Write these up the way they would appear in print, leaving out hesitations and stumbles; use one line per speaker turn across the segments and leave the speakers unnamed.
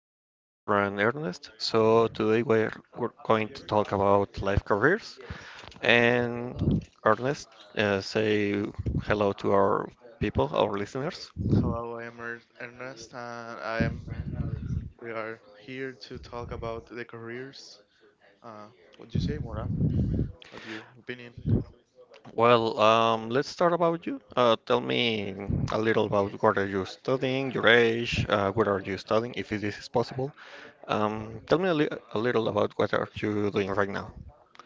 here with my friend Ernest. So today we're going to talk about life careers. And Ernest, say hello to our people, our listeners.
Hello, I am Ernest, and I am. We are here to talk about the careers. Uh, what do you say, Mora? What's your opinion?
Let's start about you. Tell me a little about what are you studying, your age, what are you studying, if this is possible. Tell me a, a little about what are you doing right now.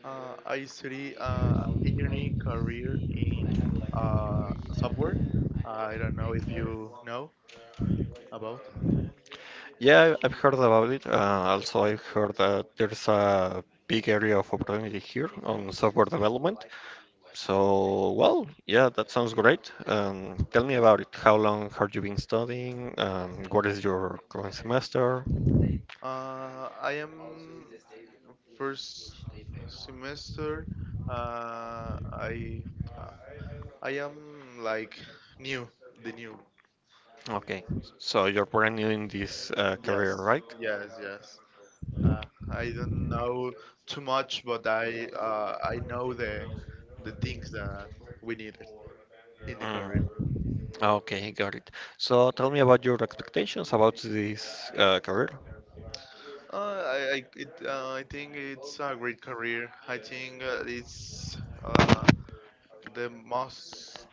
I study engineering career in software. I don't know if you know about.
Yeah, I've heard about it. Also, I've heard that there's a big area of opportunity here on software development. So, well, yeah, that sounds great. Tell me about it. How long have you been studying? What is your current semester?
I am first semester. Uh, I I am like new, the new.
Okay, so you're brand new in this career,
Yes,
right?
yes, yes. I don't know too much, but I know the things that we need in the career.
Mm, okay, got it. So tell me about your expectations about this career.
Uh, I think it's a great career. I think it's uh, the most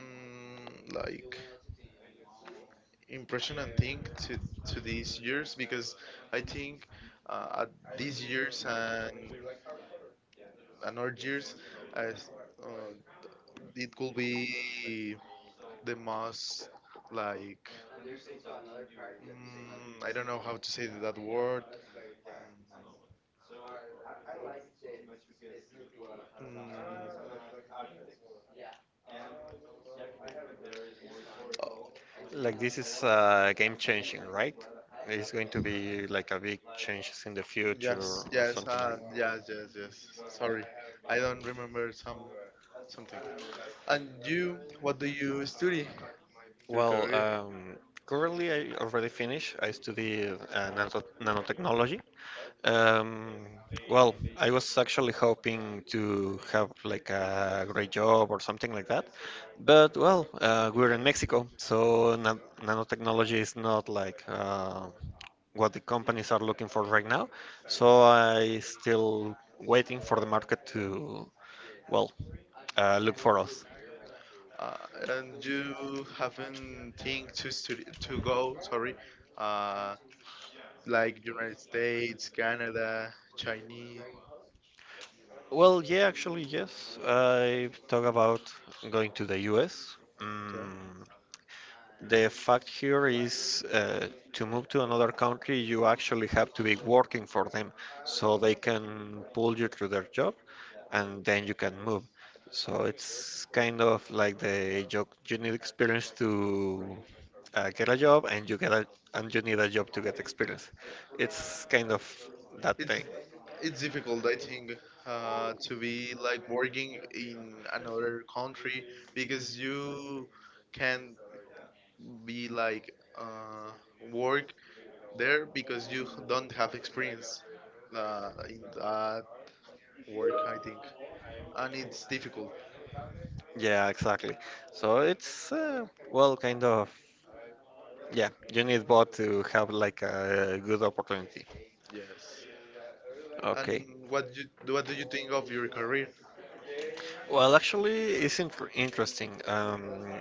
like impressionant thing to these years because I think at these years and our years, as, uh, it could be the most like. I don't know how to say that word. Mm, oh,
Like this is game changing, right? It's going to be like a big changes in the future
yes,
or
yes,
something like
yes,
that.
yes, yes. Sorry, I don't remember something. And you, what do you study? Your
Well,
career?
um, currently I already finished. I study nanotechnology. Um, well, I was actually hoping to have like a great job or something like that. But well, we're in Mexico, so nanotechnology is not like what the companies are looking for right now. So I still waiting for the market to, well, look for us.
Uh, and you haven't think to study to go? Sorry, uh, like United States, Canada, Chinese.
Well, yeah, actually, yes. I talk about going to the US.
Yeah.
Mm, the fact here is to move to another country, you actually have to be working for them so they can pull you through their job, and then you can move. So it's kind of like the job you need experience to get a job, and you need a job to get experience. It's kind of that thing.
it's it's difficult, I think, to be like working in another country because you can be like uh, work there because you don't have experience in that work, I think, and it's difficult.
Yeah, exactly. So it's well, kind of, yeah. You need both to have like a good opportunity.
Yes. And
Okay.
what you what do you think of your career?
Well, actually, it's interesting.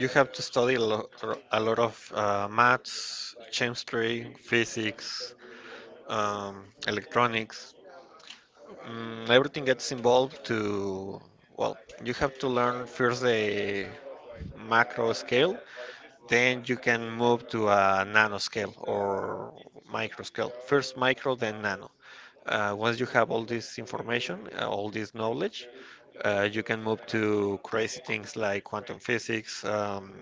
You have to study a lot of maths, chemistry, physics, electronics, mm, everything gets involved to, well, you have to learn first a macro scale, then you can move to a nano scale or micro scale. First micro, then nano. Once you have all this information, all this knowledge, you can move to crazy things like quantum physics,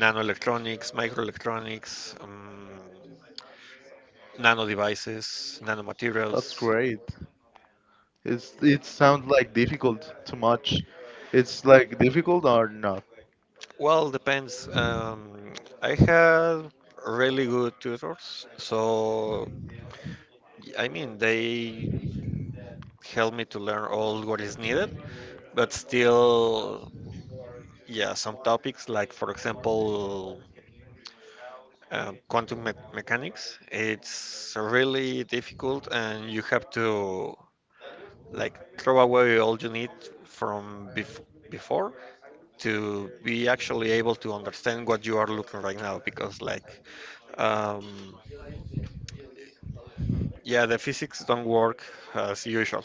nanoelectronics, microelectronics, nano devices,
That's
nanomaterials.
great. It sounds like difficult too much. It's like difficult or not?
Well, depends. I had really good tutors, so I mean, they helped me to learn all what is needed, but still, yeah, some topics like, for example, quantum me mechanics, it's really difficult, and you have to like throw away all you need from before to be actually able to understand what you are looking right now, because like, um, yeah, the physics don't work as usual,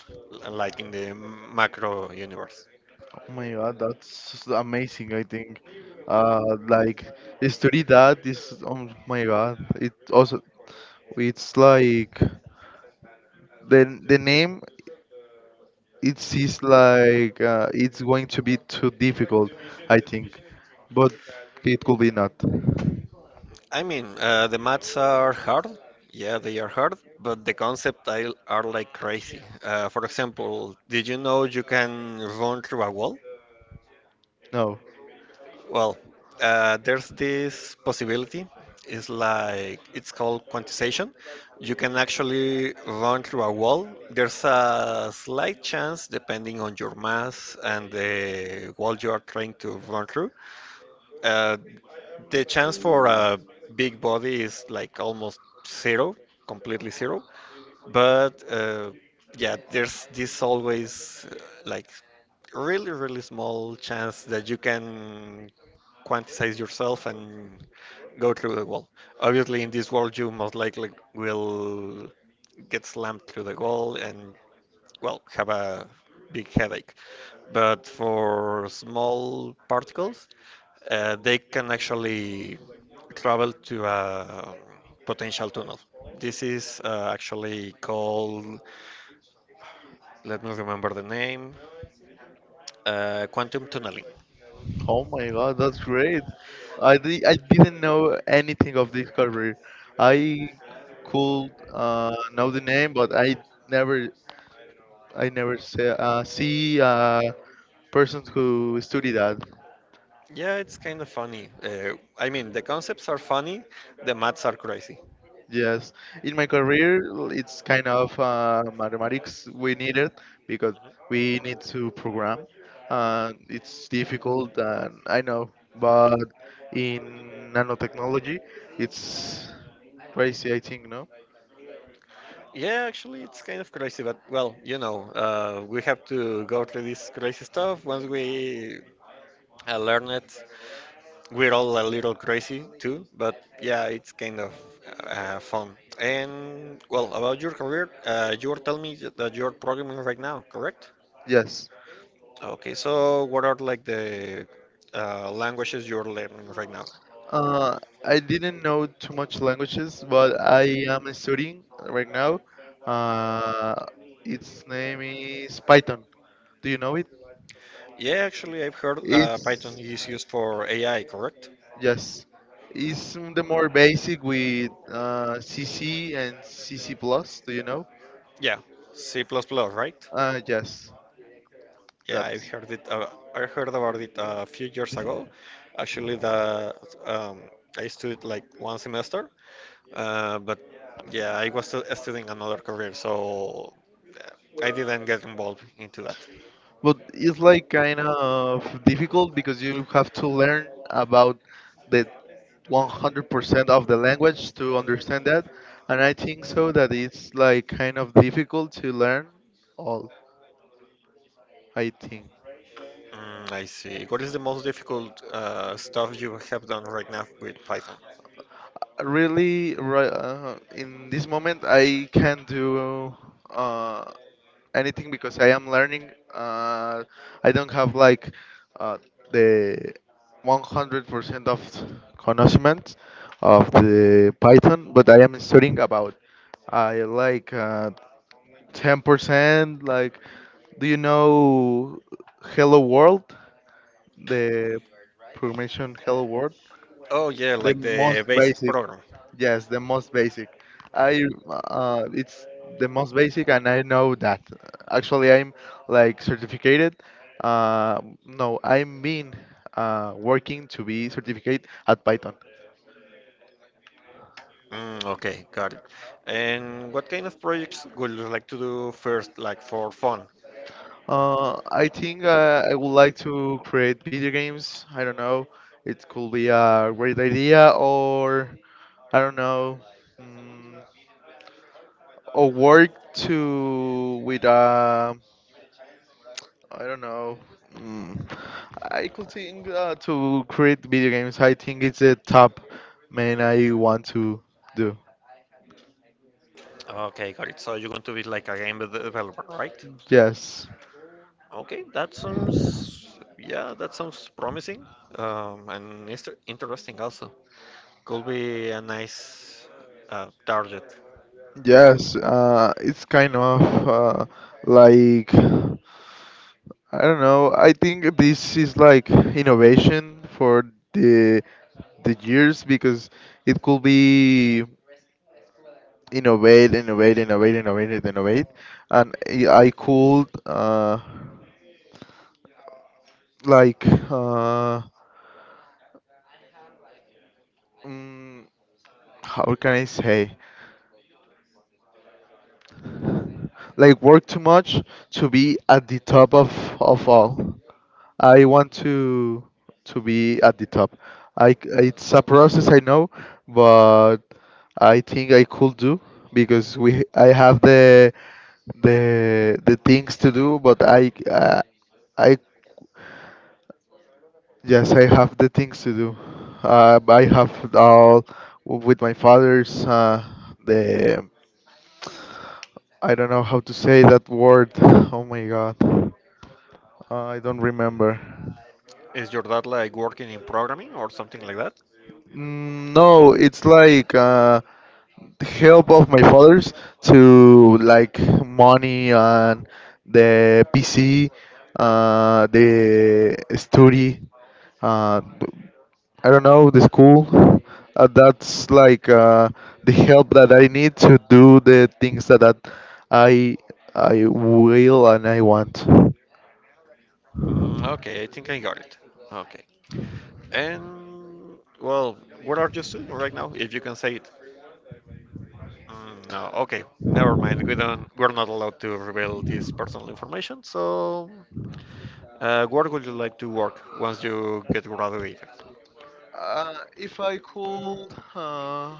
like in the macro universe.
Oh my God, that's amazing, I think. Uh, like, it's that is, oh my God, it also, it's like, the name, it is like, it's going to be too difficult, I think. But it could be not.
I mean, the maths are hard. Yeah, they are hard, but the concept I- are like crazy. For example, did you know you can run through a wall?
No.
Well, there's this possibility. It's called quantization. You can actually run through a wall. There's a slight chance, depending on your mass and the wall you are trying to run through. Uh, the chance for a big body is like almost zero, completely zero. But yeah, there's this always like really, really small chance that you can quantize yourself and go through the wall. Obviously, in this world, you most likely will get slammed through the wall and, well, have a big headache. But for small particles, they can actually travel to a, potential tunnel. This is actually called, let me remember the name, quantum tunneling.
Oh my God, that's great. I didn't know anything of this career. I could know the name, but never I never see persons who study that.
Yeah, it's kind of funny. I mean, the concepts are funny, the maths are crazy.
Yes, in my career, it's kind of mathematics we needed because we need to program. It's difficult, and I know, but in nanotechnology, it's crazy. I think no.
Yeah, actually, it's kind of crazy, but well, you know, we have to go through this crazy stuff. Once we learn it, we're all a little crazy too, but yeah, it's kind of fun. And well, about your career, you were telling me that you're programming right now, correct?
Yes.
Okay, so what are like the languages you're learning right now?
Uh, I didn't know too much languages, but I am studying right now. Uh, its name is Python. Do you know it?
Yeah, actually, I've heard Python
It's.
is used for AI, correct?
Yes. It's the more basic with C and C plus. Do you know?
Yeah, C++, right?
Yes.
Yeah, I've
That's.
heard it. I heard about it a few years ago. Actually, the, um, I studied like one semester. But yeah, I was still studying another career, so uh, I didn't get involved into that.
But it's like kind of difficult because you have to learn about the 100% of the language to understand that. And I think so that it's like kind of difficult to learn all, I think.
Mm, I see. What is the most difficult stuff you have done right now with Python?
Really, right, in this moment I can't do uh, anything because I am learning. uh, I don't have like uh, the 100% of conocement of the Python, but I am studying about. I like 10% like. Do you know hello world? The programmation hello world?
Oh yeah,
The
like the
most
basic
basic.
program.
Yes, the most basic. I It's the most basic, and I know that. Actually, I'm like certificated. No, I'm been working to be certificate at Python.
Mm, okay, got it. And what kind of projects would you like to do first, like for fun?
I think I would like to create video games. I don't know. It could be a great idea, or I don't know, mm, or work to with a. I don't know. Mm. I could think to create video games. I think it's the top main I want to do.
Okay, got it. So you're going to be like a game developer, right?
Yes,
Okay, that sounds, yeah, that sounds promising, and it's interesting also. Could be a nice target.
yes. It's kind of uh, like I don't know. I think this is like innovation for the the years because it could be innovate, innovate, innovate, innovate, innovate, and I could like. Mm, how can I say, like work too much to be at the top of all. I want to be at the top. It's a process I know, but I think I could do because we I have the things to do, but I, yes, I have the things to do. I have all with my father's the. I don't know how to say that word. Oh my God. I don't remember.
Is your dad like working in programming or something like that?
No, it's like the help of my father's to like money and the PC, the study, uh, I don't know, the school. That's like the help that I need to do the things that I I will and I want.
Mm, okay, I think I got it. Okay. And well, what are you doing right now, if you can say it? Mm, no. Okay. Never mind. We don't. We're not allowed to reveal this personal information. So, where would you like to work once you get graduated?
If I could, uh,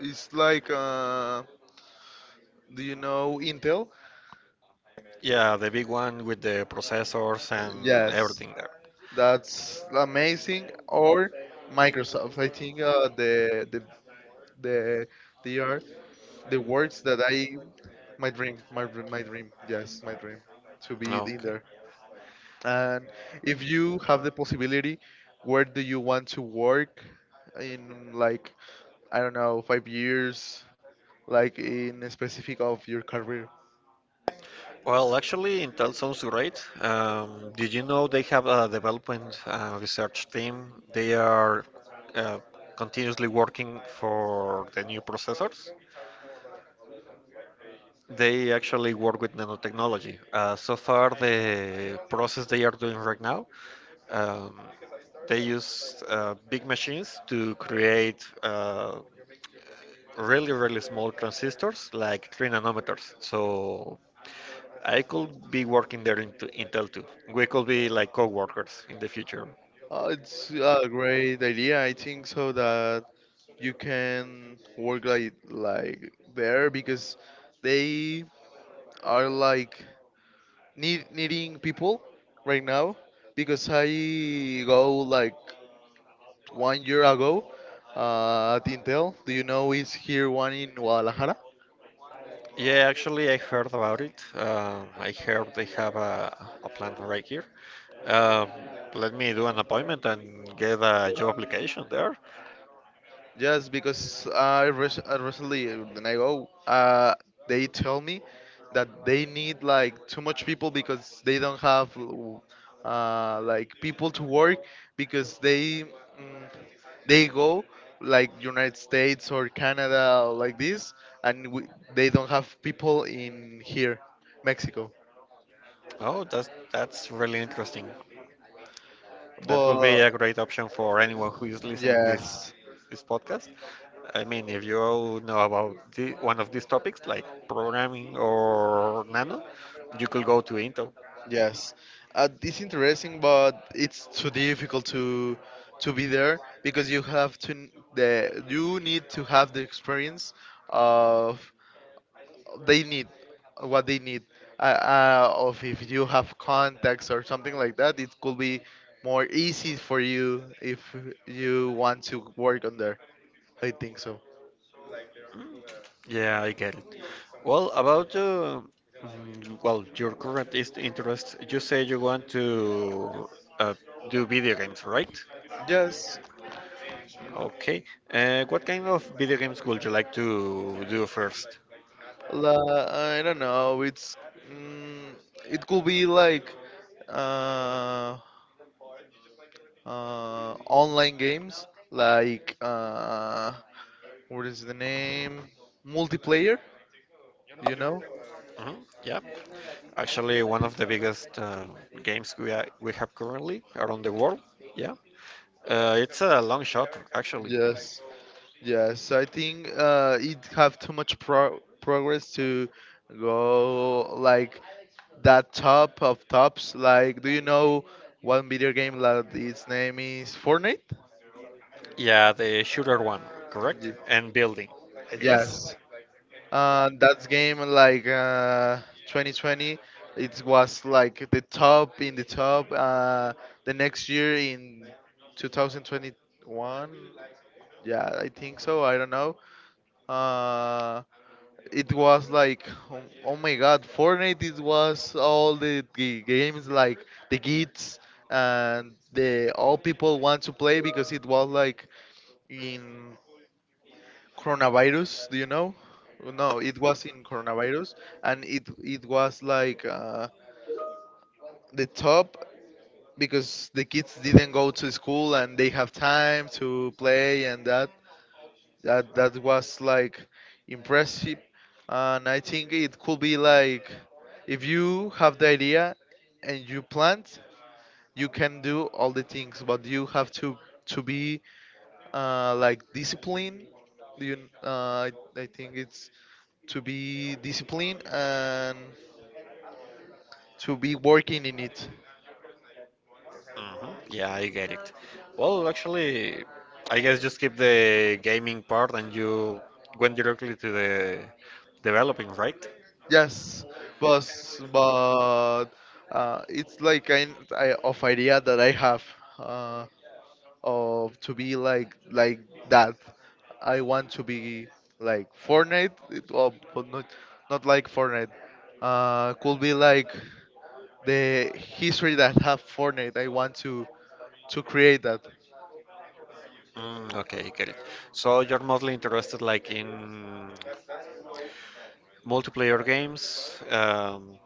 it's like. Do you know Intel?
Yeah, the big one with the processors and
Yes,
everything there.
that's amazing. Or Microsoft. I think the they are the words that I my dream, my dream, my dream. Yes, my dream to be in
Okay.
there. And if you have the possibility, where do you want to work in like I don't know 5 years, like in a specific of your career?
Well, actually, Intel sounds great. Did you know they have a development research team? They are uh, continuously working for the new processors. They actually work with nanotechnology. So far, the process they are doing right now, um, they use big machines to create really, really small transistors, like three nanometers. So I could be working there in, in Intel too. We could be like co-workers in the future.
Oh, it's a great idea. I think so that you can work like there because they are like needing people right now because I go like 1 year ago at Intel. Do you know is here one in Guadalajara?
Yeah, actually, I heard about it. I heard they have a plant right here. Um, let me do an appointment and get a job application there.
Just because I recently, when I go, they tell me that they need like too much people because they don't have like people to work because they go like United States or Canada like this, and we, they don't have people in here, Mexico.
Oh, that's really interesting. That could
But
be a great option for anyone who is listening this
yes.
this podcast. I mean, if you all know about one of these topics like programming or nano, you could go to Intel.
Yes, it's interesting, but it's too difficult to be there because you have to n- the you need to have the experience of they need what they need. Of if you have contacts or something like that, it could be more easy for you if you want to work on there. I think so.
Yeah, I get it. Well, about well, your current is interest, you say you want to uh, do video games, right?
Yes,
Okay. What kind of video games would you like to do first?
la, I don't know. It's mm, it could be like. Uh, Online games like what is the name? Multiplayer, you know?
Hmm. Yeah. Actually, one of the biggest games we have currently around the world. Yeah. It's a long shot, actually.
Yes, yes. I think it have too much progress to go like that top of tops. Like, do you know one video game that its name is Fortnite?
Yeah, the shooter one, correct?
Ye-
And building, I guess.
Yes. That game, like 2020, it was like the top in the top. The next year in 2021, yeah, I think so. I don't know. Uh, it was like, oh, oh my God, Fortnite. It was all the games like the kids and the all people want to play because it was like in coronavirus. Do you know? No, it was in coronavirus. And it was like the top because the kids didn't go to school and they have time to play. And that was like impressive. And I think it could be like, if you have the idea and you plant, you can do all the things, but you have to be like disciplined. Do you I think it's to be disciplined and to be working in it.
Mhm. Yeah, I get it. Well, actually, I guess just skip the gaming part and you went directly to the developing, right?
Yes, but but it's like kind of idea that I have uh, of to be like that. I want to be like Fortnite, it, well, but not like Fortnite. Could be like the history that have Fortnite. I want to create that.
Mm, okay, get it. So you're mostly interested like in multiplayer games, um,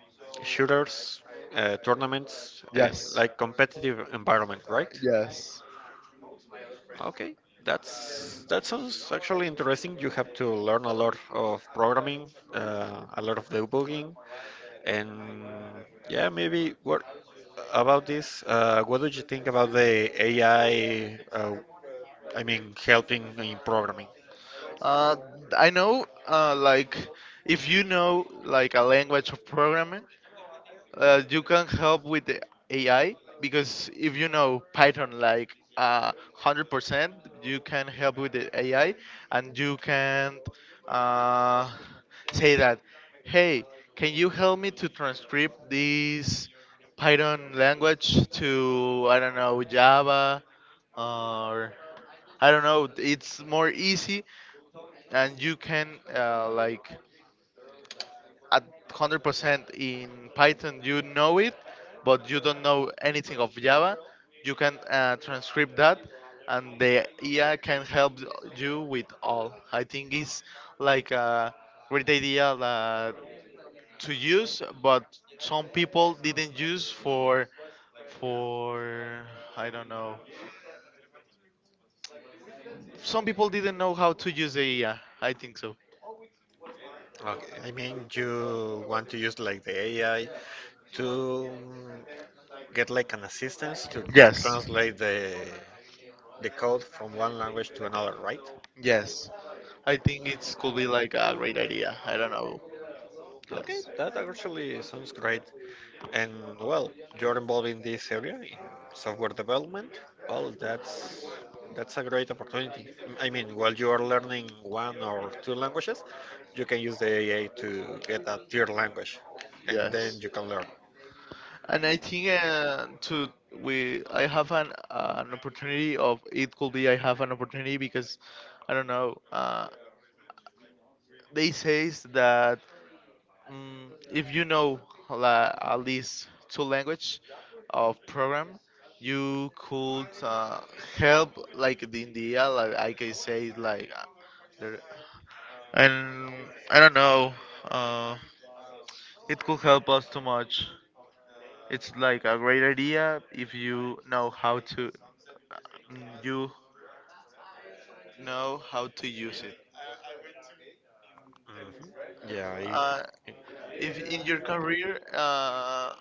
shooters, tournaments,
Yes,
like competitive environment, right?
yes.
Okay, that's, that sounds actually interesting. You have to learn a lot of programming, a lot of debugging. And yeah, maybe what about this? What do you think about the AI? I mean, helping in programming.
Uh, I know, like, if you know, like, a language of programming, you can help with the AI, because if you know Python, like, 100%, you can help with the AI and you can uh, say that, hey, can you help me to transcribe this Python language to, I don't know, Java, or, I don't know, it's more easy. And you can like at 100% in python you know it, but you don't know anything of java. You can transcribe that, and the AI can help you with all. I think it's like a great idea that to use, but some people didn't use for for I don't know. Some people didn't know how to use the AI. I think so.
Okay. I mean, you want to use like the AI to get like an assistance to
Yes,
translate the code from one language to another, right?
yes, I think it could be like a great idea. I don't know.
Okay,
Yes,
that actually sounds great. And well, you're involved in this area in software development. Well, that's a great opportunity. I mean, while you are learning one or two languages, you can use the AI to get a third language, and then
yes.
you can learn.
And I think to we I have an opportunity of, it could be I have an opportunity because I don't know. They says that if you know la, at least two language of program, you could help like the India like I can say like there- and I don't know. Uh, It could help us too much. It's like a great idea if you know you how to use it.
Mhm. Yeah.
Uh, if in your career,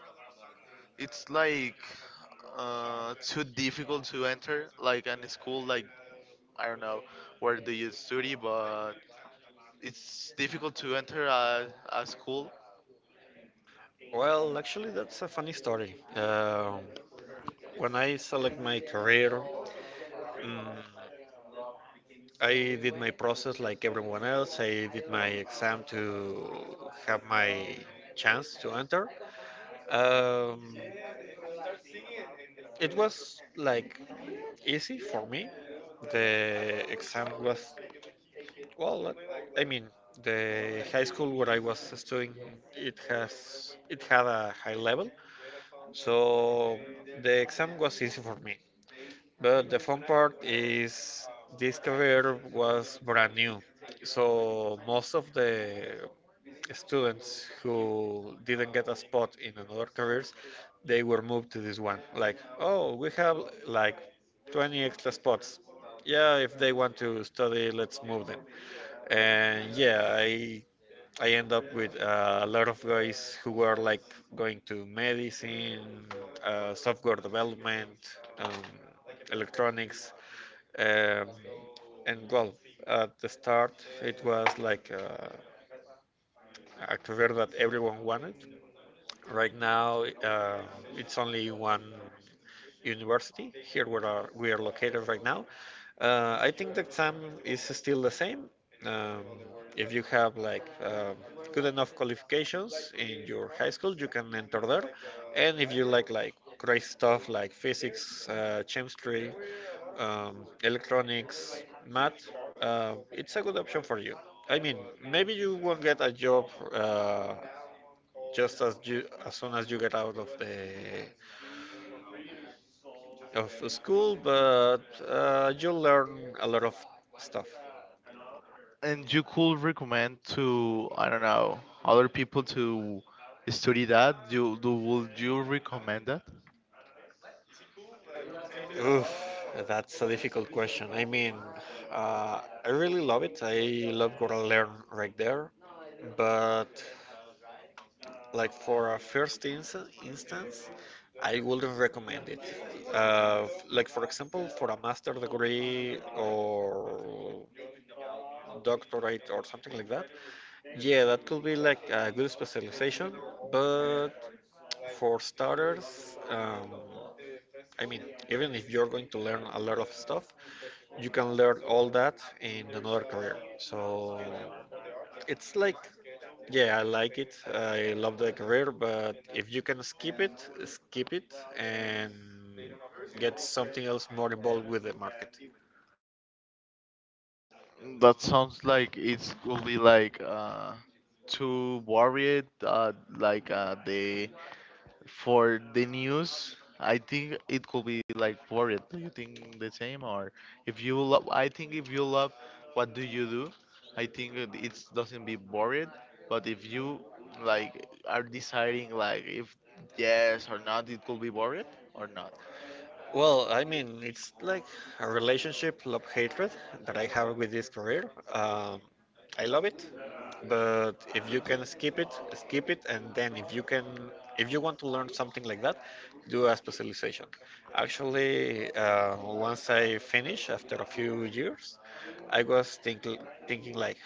it's like too difficult to enter, like an school, like I don't know where do you study, but it's difficult to enter a school.
Well, actually, that's a funny story. Um, when I select my career, mm, I did my process like everyone else. I did my exam to have my chance to enter. Um, it was like easy for me. The exam was, well, like, I mean, the high school where I was studying, it had a high level. So the exam was easy for me. But the fun part is this career was brand new. So most of the students who didn't get a spot in another careers, they were moved to this one. Like, oh, we have like 20 extra spots. Yeah, if they want to study, let's move them. And yeah, I end up with a lot of guys who were like going to medicine, software development, um, electronics. Um, and well, at the start, it was like a career that everyone wanted. Right now, it's only one. University, here where we are located right now, I think the exam is still the same. Um, if you have like good enough qualifications in your high school, you can enter there. And if you like crazy stuff like physics, chemistry, electronics, math, it's a good option for you. I mean, maybe you won't get a job just as you as soon as you get out of the of school, but you learn a lot of stuff.
And you could recommend to I don't know other people to study that. You do Would you recommend that?
Oof, that's a difficult question. I mean, I really love it. I love what I learn right there. But like for a first instance, I wouldn't recommend it. Like for example, for a master degree or doctorate or something like that. Yeah, that could be like a good specialization, but for starters, I mean, even if you're going to learn a lot of stuff, you can learn all that in another career. So it's like, yeah, I like it. I love the career, but if you can skip it and get something else more involved with the market.
That sounds like it's will be like too worried. Like the for the news, I think it could be like worried. Do you think the same, or if you love? I think if you love, what do you do? I think it it's doesn't be worried. But if you like are deciding like if yes or not, it could be worried or not.
Well, I mean, it's like a relationship love hatred that I have with this career. Um, I love it, but if you can skip it, and then if you can, if you want to learn something like that, do a specialization. Actually, once I finish after a few years, I was thinking like,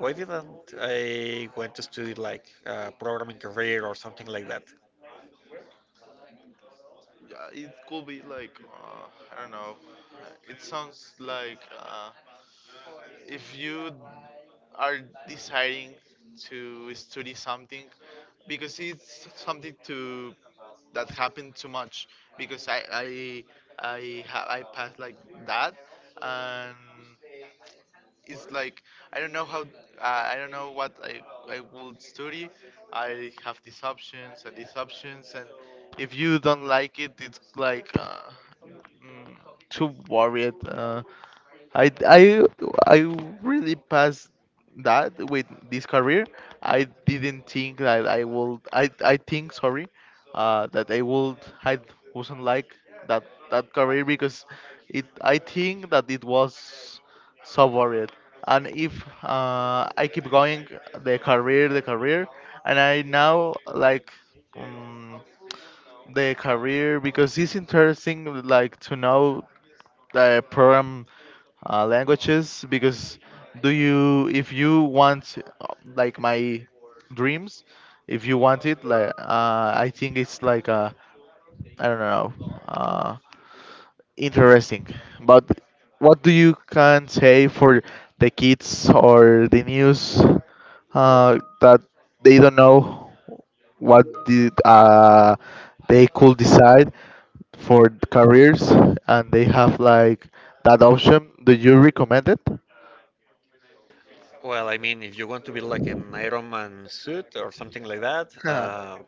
why didn't I went to study like programming career or something like that?
Yeah, it could be like I don't know. It sounds like. If you are deciding to study something because it's something to that happened too much because I passed like that and it's like I don't know how. I don't know what I would study. I have these options and these options, and if you don't like it it's like mm, too worried. I I I really passed that with this career. I didn't think that I would. I think, sorry, that I would. I wasn't like that that career because it. I think that it was so worried. And if I keep going the career, and I now like um, the career because it's interesting like to know the program languages, because do you if you want like my dreams, if you want it like I think it's like I don't know, uh, interesting. But what do you can say for the kids or the news, that they don't know what did, they could decide for careers and they have like that option? Do you recommend it?
Well, I mean, if you want to be like an Iron Man suit or something like that,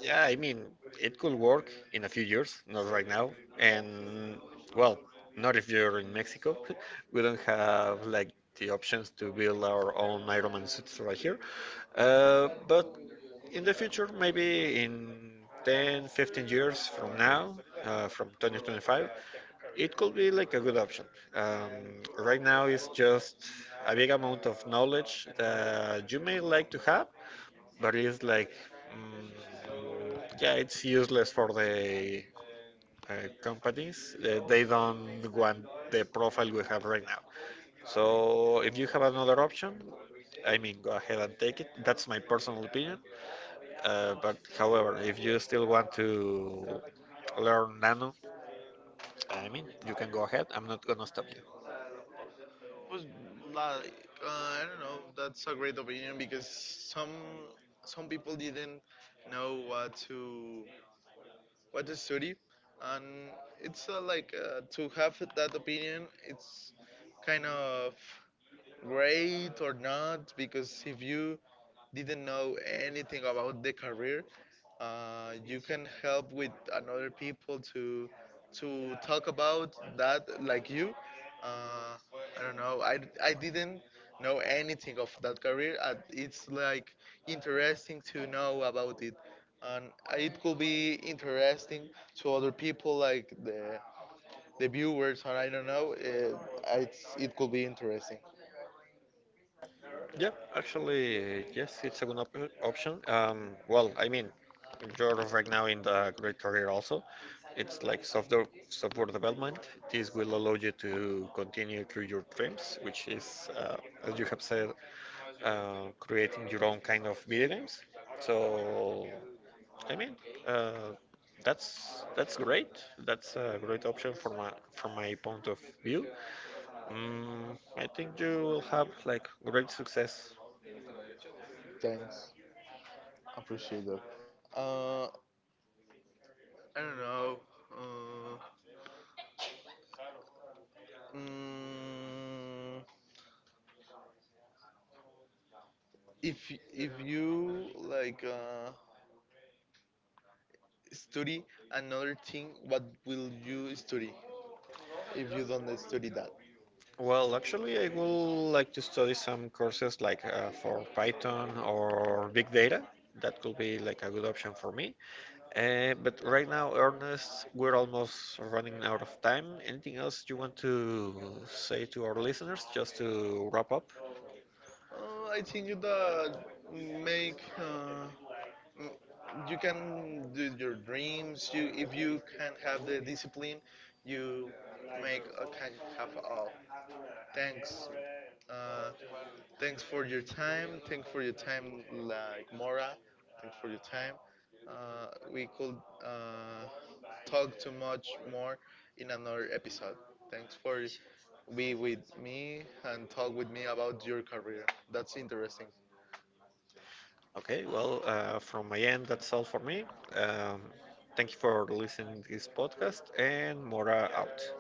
yeah, I mean, it could work in a few years, not right now. And, well, not if you're in Mexico. We don't have like the options to build our own Iron Man suits right here. But in the future, maybe in 10, 15 years from now, from 2025, it could be like a good option. Right now, it's just a big amount of knowledge that you may like to have, but it's like, mm, yeah, it's useless for the uh, companies. They don't want the profile we have right now. So, if you have another option, I mean, go ahead and take it. That's my personal opinion. But however, if you still want to learn Nano, I mean, you can go ahead. I'm not gonna stop you.
Was like I don't know. That's a great opinion because some people didn't know what to study, and it's like to have that opinion. It's kind of great or not, because if you didn't know anything about the career, you can help with another people to talk about that like you. uh, I don't know. I didn't know anything of that career. It's like interesting to know about it, and it could be interesting to other people like the viewers, or I don't know. It could be interesting.
Yeah, actually, yes, it's a good op option. Well, I mean, you're right now in the great career also. It's like software development. This will allow you to continue through your dreams, which is, as you have said, creating your own kind of video games. So, I mean, uh, that's great. That's a great option from my point of view. Mm, I think you will have like great success.
Thanks. Appreciate that. I don't know. Uh, mm, if you like study another thing, what will you study if you don't study that?
Well, actually, I would like to study some courses like for Python or big data. That could be like a good option for me. But right now, Ernest, we're almost running out of time. Anything else you want to say to our listeners just to wrap up?
I think that, make uh, m- you can do your dreams. You If you can have the discipline, you make can have all. Thanks. Uh, Thanks for your time. Thanks for your time, like Mora. Thanks for your time. We could uh, talk too much more in another episode. Thanks for be with me and talk with me about your career. That's interesting.
Okay, well, from my end, that's all for me. Um, thank you for listening to this podcast, and Mora out.